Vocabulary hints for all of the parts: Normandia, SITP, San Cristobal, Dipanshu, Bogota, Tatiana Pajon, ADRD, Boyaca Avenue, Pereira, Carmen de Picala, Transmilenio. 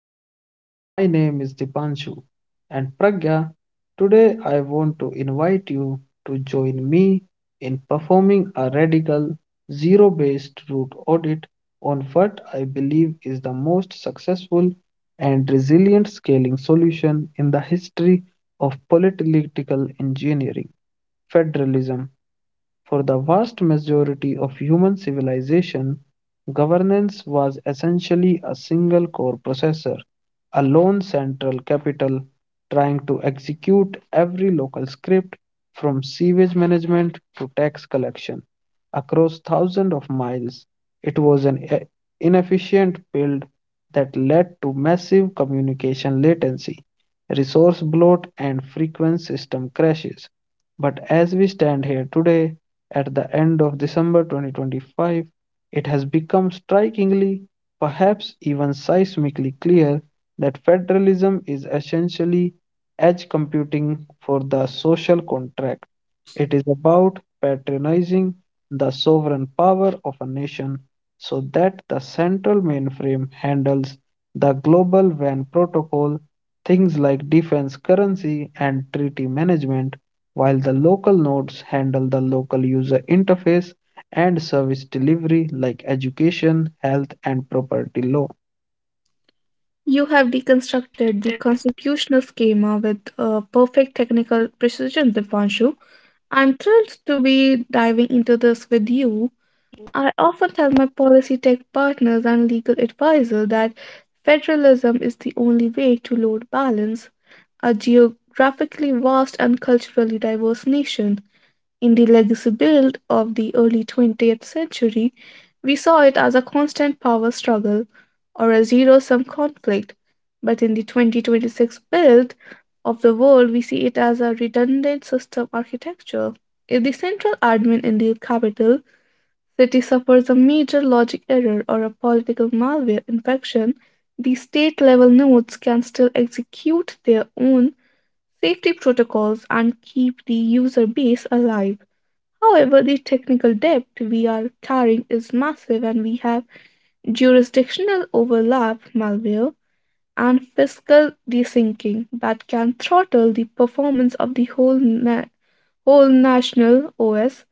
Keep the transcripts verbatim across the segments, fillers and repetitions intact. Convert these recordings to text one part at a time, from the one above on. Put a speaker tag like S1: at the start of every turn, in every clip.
S1: space. My name is Dipanshu and Pragya. Today, I want to invite you to join me in performing a radical zero based root audit on what I believe is the most successful and resilient scaling solution in the history of political engineering federalism. For the vast majority of human civilization, governance was essentially a single core processor, a lone central capital trying to execute every local script from sewage management to tax collection across thousands of miles. It was an e- inefficient build that led to massive communication latency, resource bloat, and frequent system crashes. But as we stand here today, at the end of December twenty twenty-five, it has become strikingly, perhaps even seismically clear, that federalism is essentially edge computing for the social contract. It is about patronizing the sovereign power of a nation so that the central mainframe handles the global WAN protocol, things like defense currency and treaty management, while the local nodes handle the local user interface and service delivery like education, health, and property law.
S2: You have deconstructed the constitutional schema with uh, perfect technical precision, Dipanshu. I'm thrilled to be diving into this with you. I often tell my policy tech partners and legal advisor that federalism is the only way to load balance a geographically vast and culturally diverse nation. In the legacy build of the early twentieth century, we saw it as a constant power struggle or a zero sum conflict. But in the twenty twenty-six build of the world, we see it as a redundant system architecture. If the central admin in the capital city suffers a major logic error or a political malware infection, the state level nodes can still execute their own safety protocols and keep the user base alive. However, the technical debt we are carrying is massive, and we have jurisdictional overlap, malware, and fiscal desyncing that can throttle the performance of the whole na- whole national O S.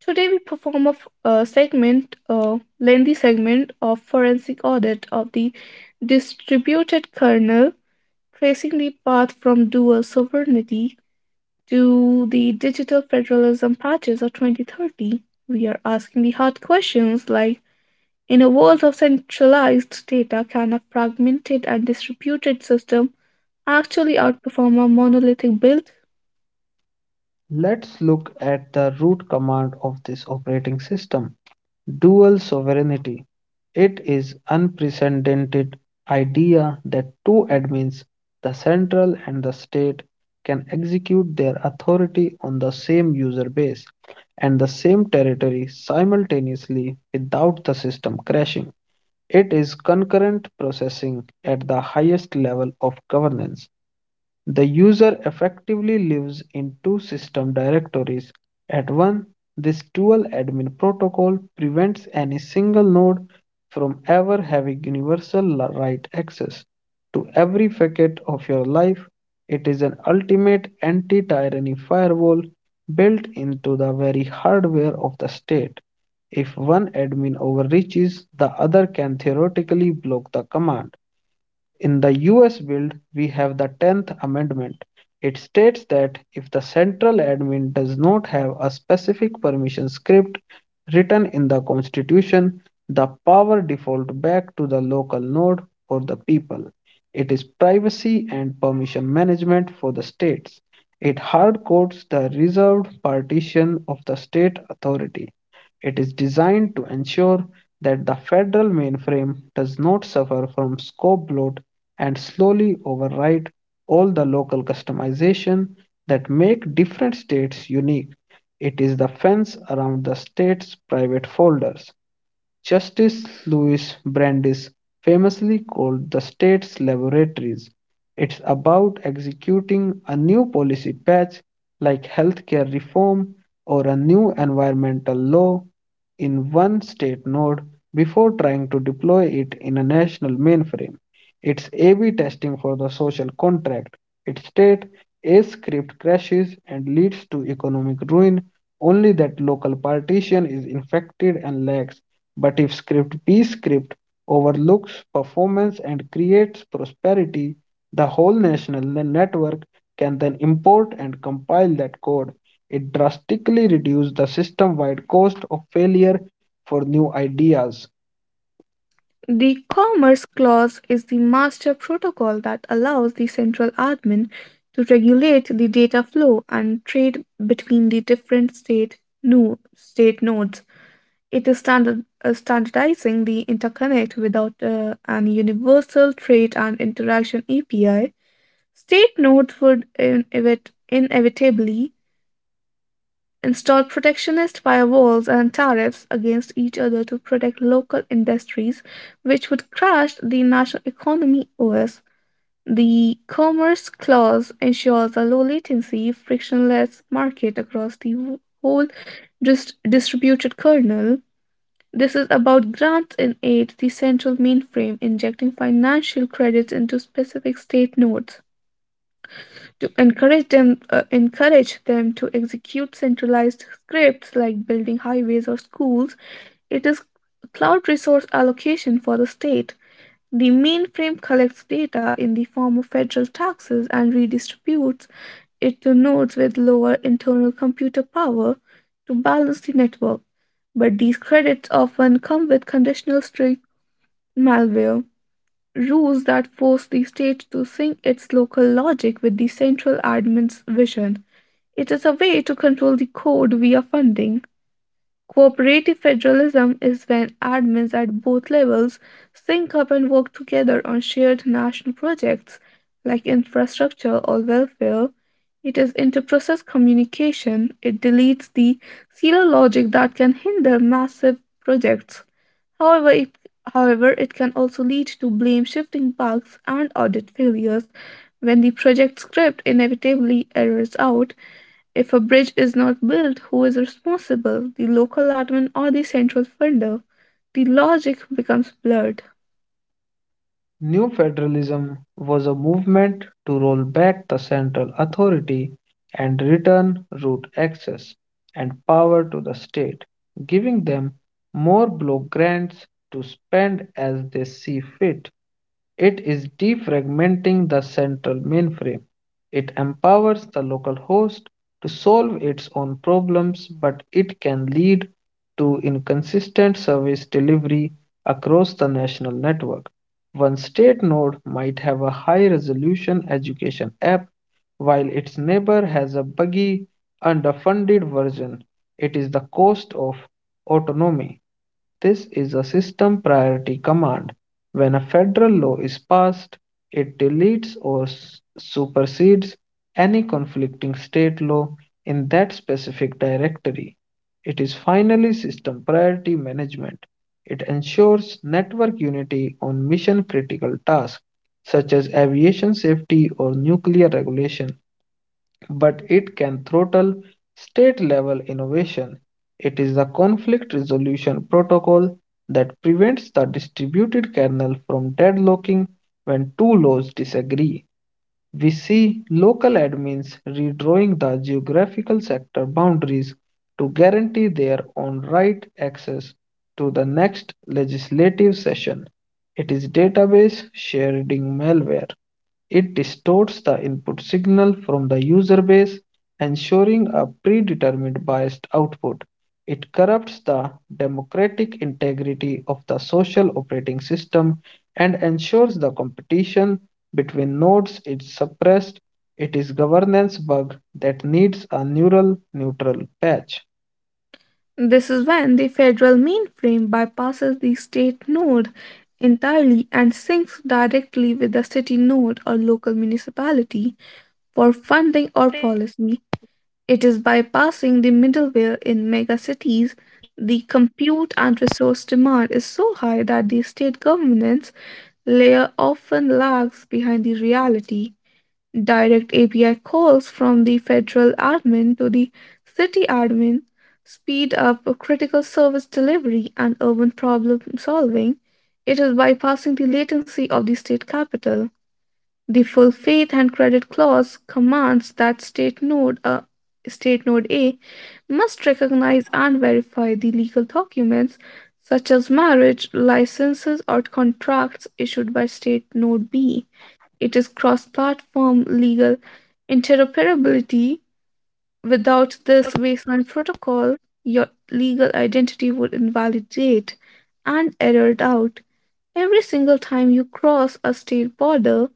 S2: Today, we perform a, f- a segment, a lengthy segment of forensic audit of the distributed kernel, tracing the path from dual sovereignty to the digital federalism patches of twenty thirty. We are asking the hard questions, like, in a world of centralized data, can a fragmented and distributed system actually outperform a monolithic build?
S1: Let's look at the root command of this operating system dual sovereignty. It is unprecedented idea that two admins, the central and the state, can execute their authority on the same user base and the same territory simultaneously without the system crashing. It is concurrent processing at the highest level of governance. The user effectively lives in two system directories at one. This dual admin protocol prevents any single node from ever having universal la- right access to every facet of your life. It is an ultimate anti-tyranny firewall built into the very hardware of the state. If one admin overreaches, the other can theoretically block the command. In the U S bill, we have the tenth Amendment. It states that if the central admin does not have a specific permission script written in the Constitution, the power default back to the local node or the people. It is privacy and permission management for the states. It hardcodes the reserved partition of the state authority. It is designed to ensure that the federal mainframe does not suffer from scope bloat and slowly override all the local customization that make different states unique. It is the fence around the state's private folders Justice Louis Brandeis famously called the state's laboratories. It's about executing a new policy patch like healthcare reform or a new environmental law in one state node before trying to deploy it in a national mainframe. It's A/B testing for the social contract. Its state A script crashes and leads to economic ruin, only that local partition is infected and lacks, but if script B script overlooks performance and creates prosperity, the whole national network can then import and compile that code. It drastically reduces the system wide cost of failure for new ideas.
S2: The Commerce Clause is the master protocol that allows the central admin to regulate the data flow and trade between the different state, no, state nodes. It is standard, uh, standardizing the interconnect without uh, an universal trait and interaction A P I. State nodes would inevit- inevitably install protectionist firewalls and tariffs against each other to protect local industries, which would crash the national economy O S. The Commerce Clause ensures a low latency, frictionless market across the whole dis- distributed kernel. This is about grants and aid, the central mainframe injecting financial credits into specific state nodes to encourage them uh, encourage them to execute centralized scripts like building highways or schools. It is cloud resource allocation for the state. The mainframe collects data in the form of federal taxes and redistributes it to nodes with lower internal computer power to balance the network. But these credits often come with conditional strict malware rules that force the state to sync its local logic with the central admin's vision. It is a way to control the code via funding. Cooperative federalism is when admins at both levels sync up and work together on shared national projects like infrastructure or welfare. It is inter-process communication. It deletes the silo logic that can hinder massive projects. However, it, however, it can also lead to blame shifting bugs and audit failures when the project script inevitably errors out. If a bridge is not built, who is responsible, the local admin or the central funder? The logic becomes blurred.
S1: New federalism was a movement to roll back the central authority and return route access and power to the state, giving them more block grants to spend as they see fit. It is defragmenting the central mainframe. It empowers the local host to solve its own problems, but it can lead to inconsistent service delivery across the national network. One state node might have a high resolution education app, while its neighbor has a buggy, underfunded version. It is the cost of autonomy. This is a system priority command. When a federal law is passed, it deletes or supersedes any conflicting state law in that specific directory. It is finally system priority management. It ensures network unity on mission critical tasks such as aviation safety or nuclear regulation, but it can throttle state level innovation. It is the conflict resolution protocol that prevents the distributed kernel from deadlocking when two laws disagree. We see local admins redrawing the geographical sector boundaries to guarantee their own right access to the next legislative session. It is database sharing malware. It distorts the input signal from the user base, ensuring a predetermined biased output. It corrupts the democratic integrity of the social operating system and ensures the competition between nodes is suppressed. It is a governance bug that needs a neural neutral patch.
S2: This is when the federal mainframe bypasses the state node entirely and syncs directly with the city node or local municipality for funding or policy. It is bypassing the middleware in megacities. The compute and resource demand is so high that the state governance layer often lags behind the reality. Direct A P I calls from the federal admin to the city admin speed up critical service delivery and urban problem solving. It is bypassing the latency of the state capital. The full faith and credit clause commands that state node a state node A must recognize and verify the legal documents such as marriage licenses or contracts issued by state node B. It is cross-platform legal interoperability. Without this baseline protocol, your legal identity would invalidate and errored out every single time you cross a state border.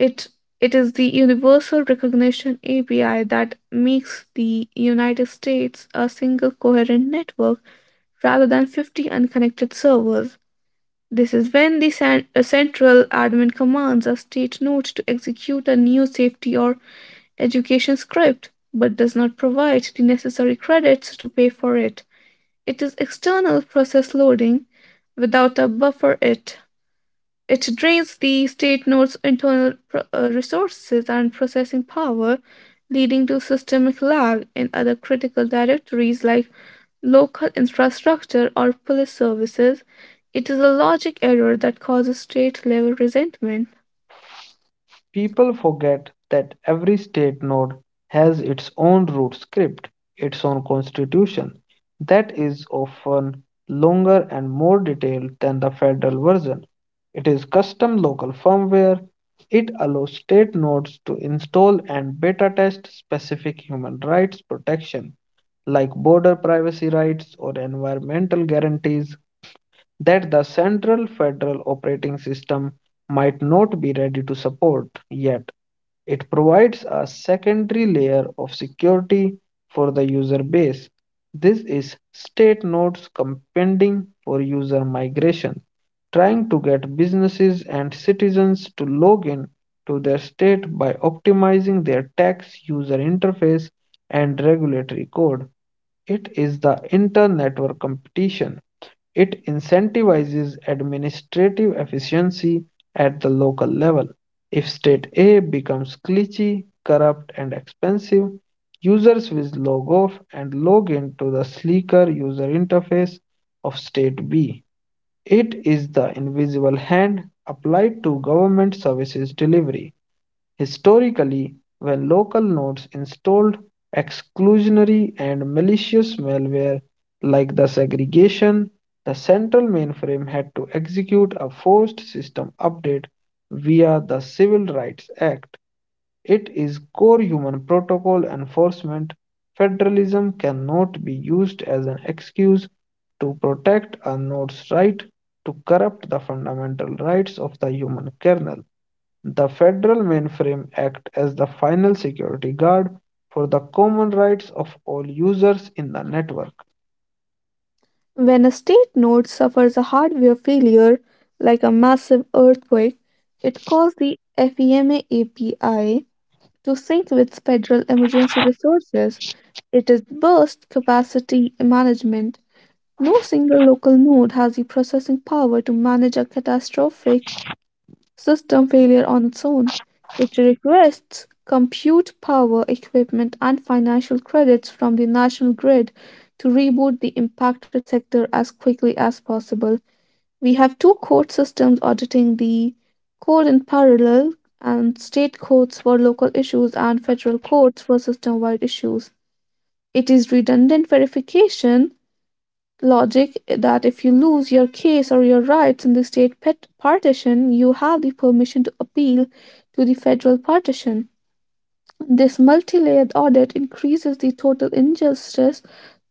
S2: It it is the Universal Recognition A P I that makes the United States a single coherent network rather than fifty unconnected servers. This is when the cen- uh, central admin commands a state node to execute a new safety or education script, but does not provide the necessary credits to pay for it. It is external process loading without a buffer it. It drains the state node's internal pro- uh, resources and processing power, leading to systemic lag in other critical directories like local infrastructure or police services. It is a logic error that causes state level resentment.
S1: People forget that every state node has its own root script, its own constitution, that is often longer and more detailed than the federal version. It is custom local firmware. It allows state nodes to install and beta test specific human rights protection, like border privacy rights or environmental guarantees that the central federal operating system might not be ready to support yet. It provides a secondary layer of security for the user base. This is state nodes compounding for user migration, trying to get businesses and citizens to log in to their state by optimizing their tax user interface and regulatory code. It is the inter-network competition. It incentivizes administrative efficiency at the local level. If state A becomes glitchy, corrupt, and expensive, users will log off and log into the sleeker user interface of state B. It is the invisible hand applied to government services delivery. Historically, when local nodes installed exclusionary and malicious malware like the segregation, the central mainframe had to execute a forced system update via the Civil Rights Act. It is core human protocol enforcement. Federalism cannot be used as an excuse to protect a node's right to corrupt the fundamental rights of the human kernel. The Federal Mainframe acts as the final security guard for the common rights of all users in the network.
S2: When a state node suffers a hardware failure, like a massive earthquake, it calls the FEMA A P I to sync with federal emergency resources. It is burst capacity management. No single local node has the processing power to manage a catastrophic system failure on its own. It requests compute power, equipment, and financial credits from the national grid to reboot the impacted sector as quickly as possible. We have two court systems auditing the code in parallel, and state courts for local issues and federal courts for system wide issues. It is redundant verification logic that if you lose your case or your rights in the state pet partition, you have the permission to appeal to the federal partition. This multi-layered audit increases the total injustice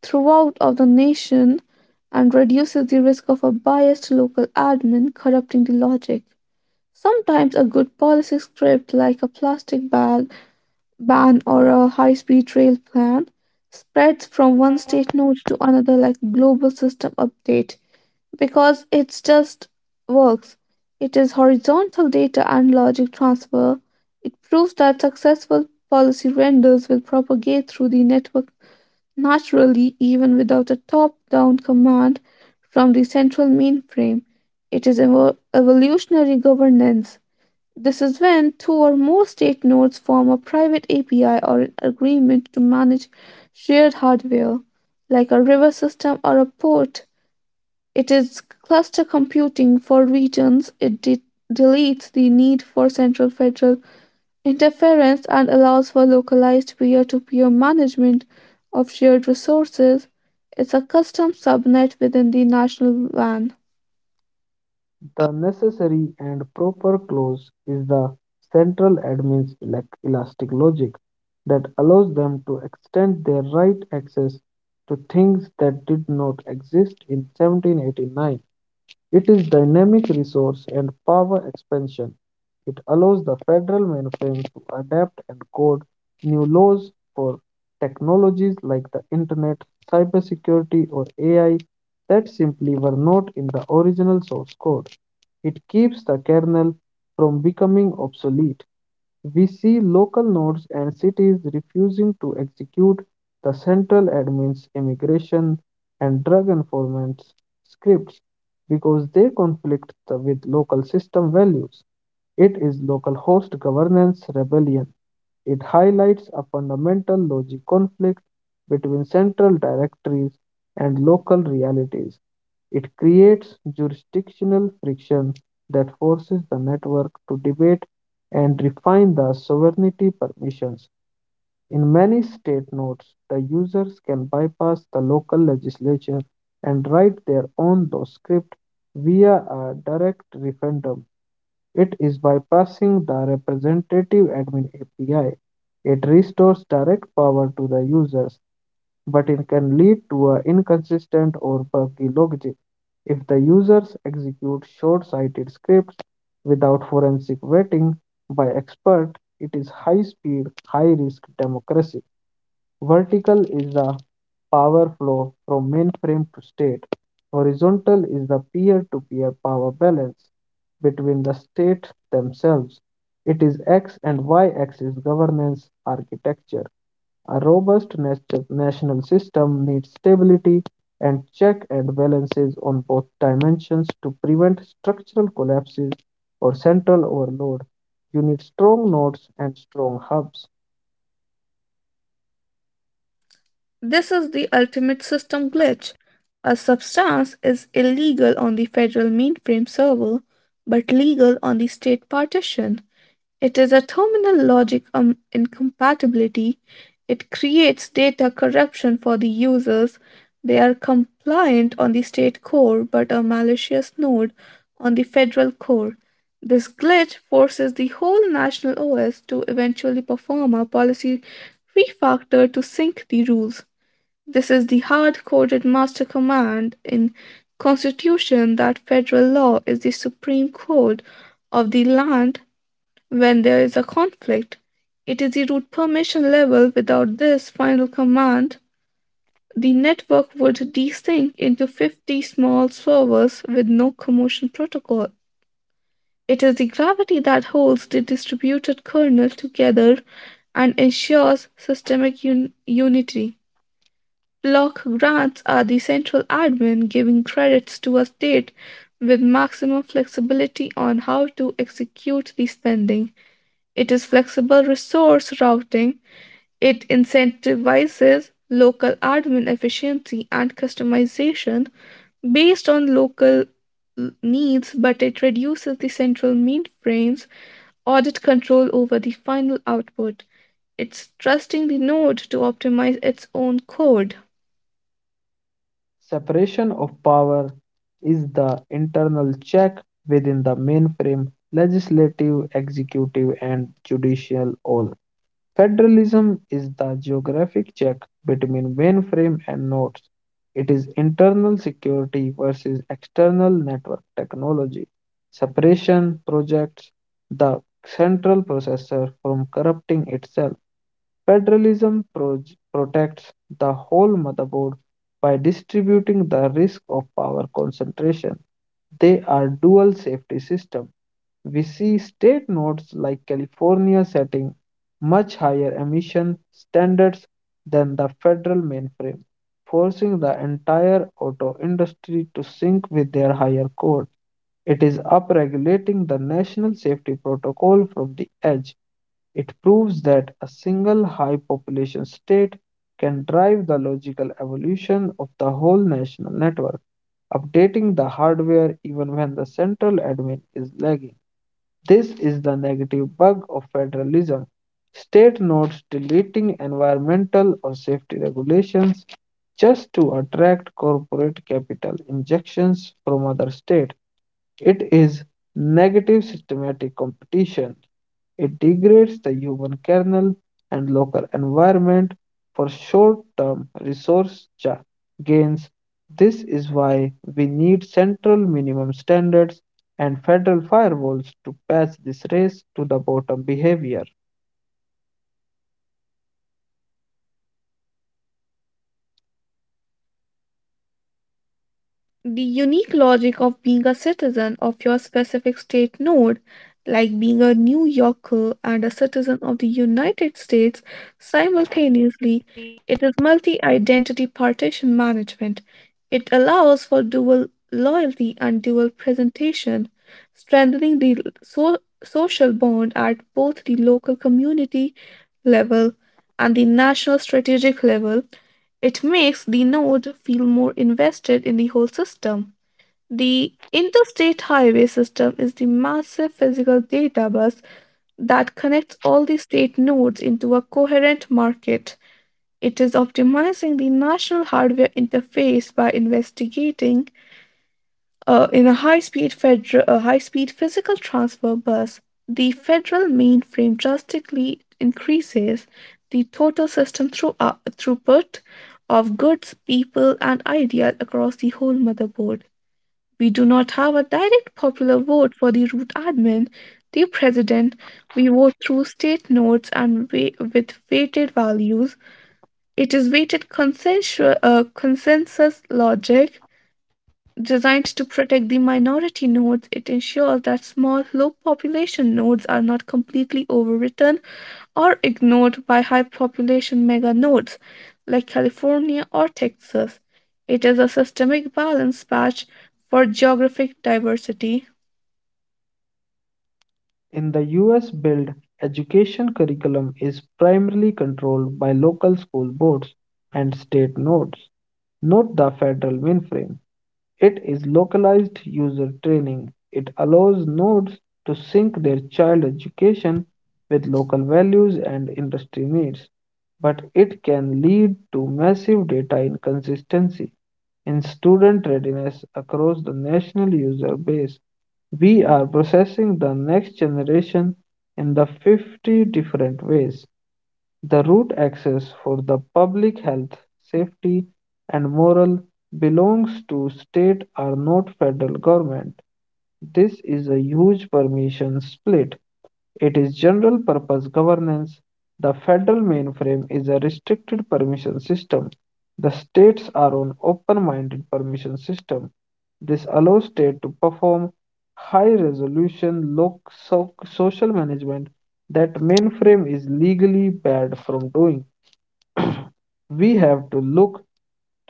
S2: throughout of the nation and reduces the risk of a biased local admin corrupting the logic. Sometimes a good policy script like a plastic bag ban or a high-speed rail plan spreads from one state note to another like global system update because it's just works. It is horizontal data and logic transfer. It proves that successful policy renders will propagate through the network naturally, even without a top down command from the central mainframe. It is evo- evolutionary governance. This is when two or more state nodes form a private A P I or an agreement to manage shared hardware, like a river system or a port. It is cluster computing for regions. It de- deletes the need for central federal interference and allows for localized peer to peer management of shared resources. It's a custom subnet within the national WAN.
S1: The necessary and proper clause is the central admin's elastic logic that allows them to extend their right access to things that did not exist in seventeen eighty-nine. It is dynamic resource and power expansion. It allows the federal mainframe to adapt and code new laws for technologies like the internet, cybersecurity, or A I that simply were not in the original source code. It keeps the kernel from becoming obsolete. We see local nodes and cities refusing to execute the central admin's immigration and drug enforcement scripts because they conflict the, with local system values. It is local host governance rebellion. It highlights a fundamental logic conflict between central directories and local realities. It creates jurisdictional friction that forces the network to debate and refine the sovereignty permissions. In many state nodes, the users can bypass the local legislature and write their own law script via a direct referendum. It is bypassing the Representative Admin A P I. It restores direct power to the users, but it can lead to a inconsistent or buggy logic. If the users execute short-sighted scripts without forensic vetting by expert, it is high-speed, high-risk democracy. Vertical is the power flow from mainframe to state. Horizontal is the peer-to-peer power balance between the states themselves. It is X and Y axis governance architecture. A robust national system needs stability and check and balances on both dimensions to prevent structural collapses or central overload. You need strong nodes and strong hubs.
S2: This is the ultimate system glitch. A substance is illegal on the federal mainframe server, but legal on the state partition. It is a terminal logic um, incompatibility. It creates data corruption for the users. They are compliant on the state core, but a malicious node on the federal core. This glitch forces the whole national O S to eventually perform a policy refactor to sync the rules. This is the hard-coded master command in constitution that federal law is the supreme court of the land when there is a conflict. It is the root permission level. Without this final command, the network would desync into fifty small servers with no commotion protocol. It is the gravity that holds the distributed kernel together and ensures systemic un- unity. Block grants are the central admin giving credits to a state with maximum flexibility on how to execute the spending. It is flexible resource routing. It incentivizes local admin efficiency and customization based on local needs, but it reduces the central mainframe's audit control over the final output. It's trusting the node to optimize its own code.
S1: Separation of power is the internal check within the mainframe legislative, executive, and judicial all. Federalism is the geographic check between mainframe and nodes. It is internal security versus external network technology. Separation projects the central processor from corrupting itself. Federalism proj protects the whole motherboard by distributing the risk of power concentration. They are dual safety system. We see state nodes like California setting much higher emission standards than the federal mainframe, forcing the entire auto industry to sync with their higher code. It is upregulating the national safety protocol from the edge. It proves that a single high population state can drive the logical evolution of the whole national network, updating the hardware even when the central admin is lagging. This is the negative bug of federalism. State nodes deleting environmental or safety regulations just to attract corporate capital injections from other states. It is negative systematic competition. It degrades the human kernel and local environment for short term resource ja- gains. This is why we need central minimum standards and federal firewalls to patch this race to the bottom behavior.
S2: The unique logic of being a citizen of your specific state node, like being a New Yorker and a citizen of the United States simultaneously. It is multi identity partition management. It allows for dual loyalty and dual presentation, strengthening the so- social bond at both the local community level and the national strategic level. It makes the node feel more invested in the whole system. The interstate highway system is the massive physical data bus that connects all the state nodes into a coherent market. It is optimizing the national hardware interface by investigating uh, in a high-speed federal, a high-speed physical transfer bus. The federal mainframe drastically increases the total system through, uh, throughput of goods, people, and ideas across the whole motherboard. We do not have a direct popular vote for the root admin, the president. We vote through state nodes and wa- with weighted values. It is weighted consensual, uh, consensus logic. Designed to protect the minority nodes, it ensures that small, low population nodes are not completely overwritten or ignored by high population mega nodes like California or Texas. It is a systemic balance patch for geographic diversity.
S1: In the U S build, education curriculum is primarily controlled by local school boards and state nodes, not the federal mainframe. It is localized user training. It allows nodes to sync their child education with local values and industry needs, but it can lead to massive data inconsistency in student readiness across the national user base. We are processing the next generation in the fifty different ways. The root access for the public health, safety, and moral belongs to state or not federal government. This is a huge permission split. It is general purpose governance. The federal mainframe is a restricted permission system. The states are on open-minded permission system. This allows state to perform high-resolution local social management that mainframe is legally barred from doing. We have to look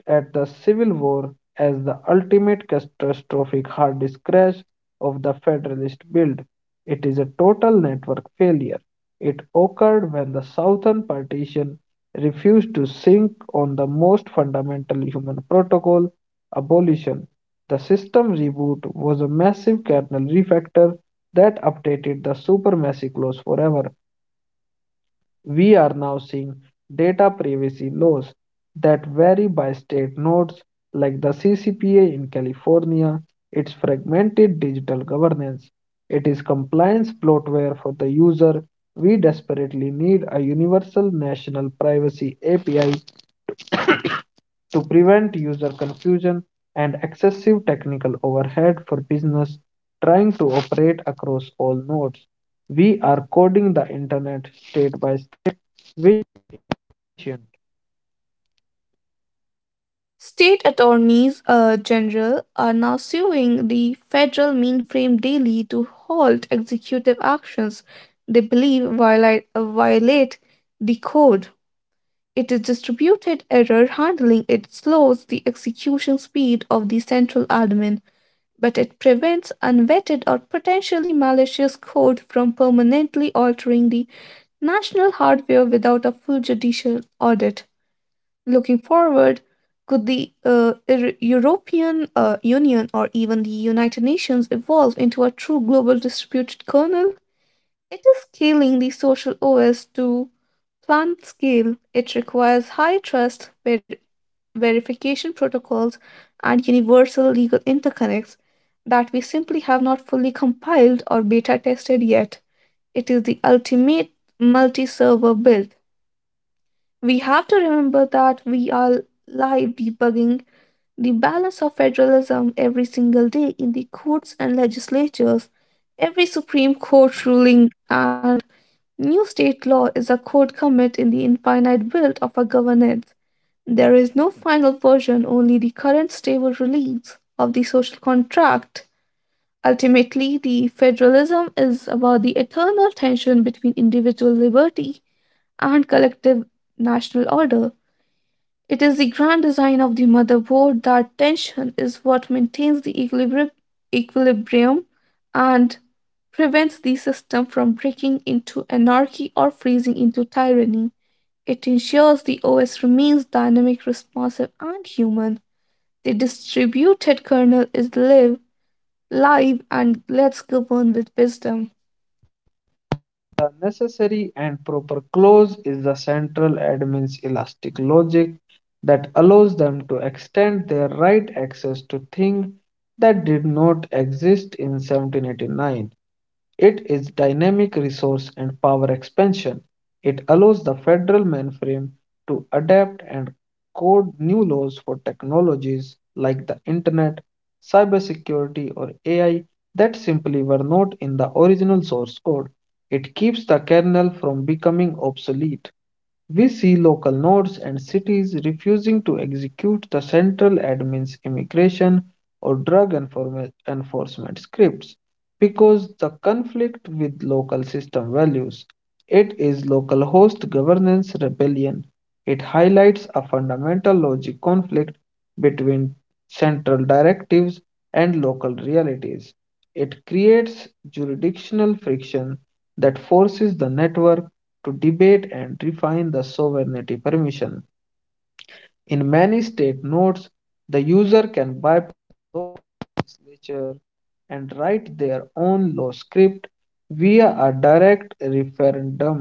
S1: at the Civil War as the ultimate catastrophic hard disk crash of the Federalist build. It is a total network failure. It occurred when the Southern Partition refused to sink on the most fundamental human protocol, abolition. The system reboot was a massive kernel refactor that updated the supremacy clause forever. We are now seeing data privacy laws that vary by state nodes, like the C C P A in California, its fragmented digital governance. It is compliance bloatware for the user. We desperately need a universal national privacy A P I to prevent user confusion and excessive technical overhead for business trying to operate across all nodes. We are coding the internet state by state.
S2: State attorneys uh, general are now suing the federal mainframe daily to halt executive actions they believe violate, violate the code. It is distributed error handling. It slows the execution speed of the central admin, but it prevents unvetted or potentially malicious code from permanently altering the national hardware without a full judicial audit. Looking forward, could the uh, Eu- European uh, Union or even the United Nations evolve into a true global distributed kernel? It is scaling the social O S to plant scale. It requires high trust ver- verification protocols and universal legal interconnects that we simply have not fully compiled or beta tested yet. It is the ultimate multi server build. We have to remember that we are live debugging the balance of federalism every single day in the courts and legislatures. Every Supreme Court ruling and new state law is a code commit in the infinite build of a governance. There is no final version, only the current stable release of the social contract. Ultimately, the federalism is about the eternal tension between individual liberty and collective national order. It is the grand design of the motherboard that tension is what maintains the equilibri- equilibrium and prevents the system from breaking into anarchy or freezing into tyranny. It ensures the O S remains dynamic, responsive, and human. The distributed kernel is live, live, and lets govern with wisdom.
S1: The necessary and proper clause is the central admin's elastic logic that allows them to extend their right access to things that did not exist in seventeen eighty-nine. It is dynamic resource and power expansion. It allows the federal mainframe to adapt and code new laws for technologies like the internet, cybersecurity, or A I that simply were not in the original source code. It keeps the kernel from becoming obsolete. We see local nodes and cities refusing to execute the central admin's immigration or drug enforme- enforcement scripts because the conflict with local system values. It is local host governance rebellion. It highlights a fundamental logic conflict between central directives and local realities. It creates jurisdictional friction that forces the network to debate and refine the sovereignty permission. In many state nodes, the user can bypass legislature and write their own law script via a direct referendum.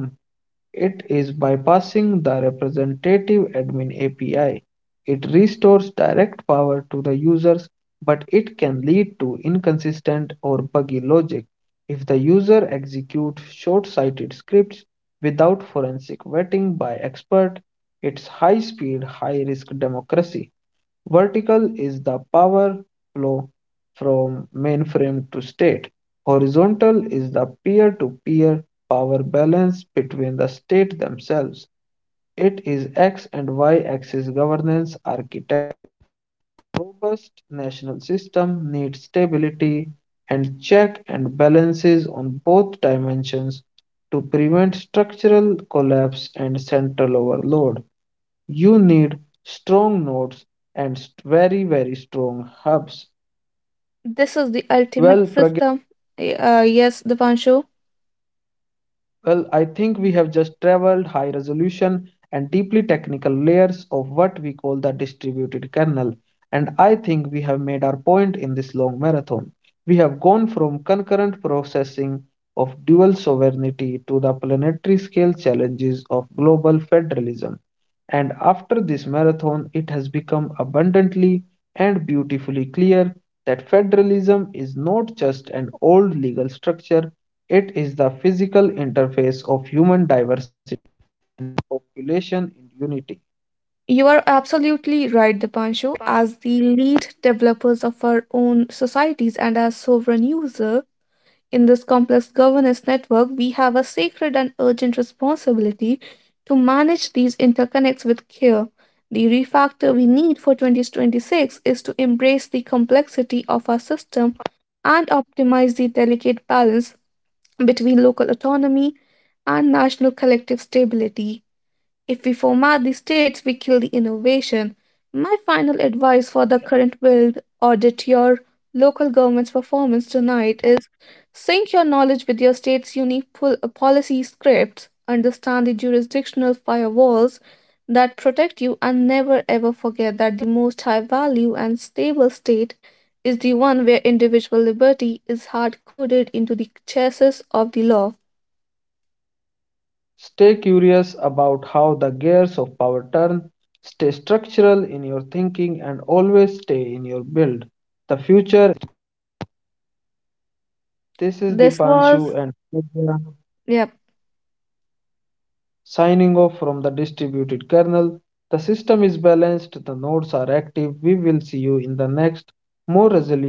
S1: It is bypassing the representative admin A P I. It restores direct power to the users, but it can lead to inconsistent or buggy logic if the user executes short-sighted scripts without forensic vetting by experts. It's high-speed, high-risk democracy. Vertical is the power flow from mainframe to state. Horizontal is the peer to peer power balance between the state themselves. It is X and Y axis governance architecture. Robust national system needs stability and check and balances on both dimensions to prevent structural collapse and central overload. You need strong nodes and very, very strong hubs.
S2: This is the ultimate
S1: Well, Pragya,
S2: system. Eh, Uh, yes, Dipanshu.
S1: well, I think we have just traveled high resolution and deeply technical layers of what we call the distributed kernel. And I think we have made our point in this long marathon. We have gone from concurrent processing of dual sovereignty to the planetary scale challenges of global federalism. And after this marathon, it has become abundantly and beautifully clear that federalism is not just an old legal structure. It is the physical interface of human diversity population in unity.
S2: You are absolutely right, Dipanshu. As the lead developers of our own societies and as sovereign user in this complex governance network, we have a sacred and urgent responsibility to manage these interconnects with care. The refactor we need for twenty twenty-six is to embrace the complexity of our system and optimize the delicate balance between local autonomy and national collective stability. If we format the states, we kill the innovation. My final advice for the current build, audit your local government's performance tonight, is sync your knowledge with your state's unique pol- policy scripts, understand the jurisdictional firewalls that protect you, and never ever forget that the most high value and stable state is the one where individual liberty is hard coded into the chassis of the law.
S1: Stay curious about how the gears of power turn, stay structural in your thinking, and always stay in your build. The future, this is
S2: This
S1: Dipanshu and
S2: was,
S1: Pooja,
S2: yeah,
S1: signing off from the distributed kernel. The system is balanced, the nodes are active. We will see you in the next more resilient build of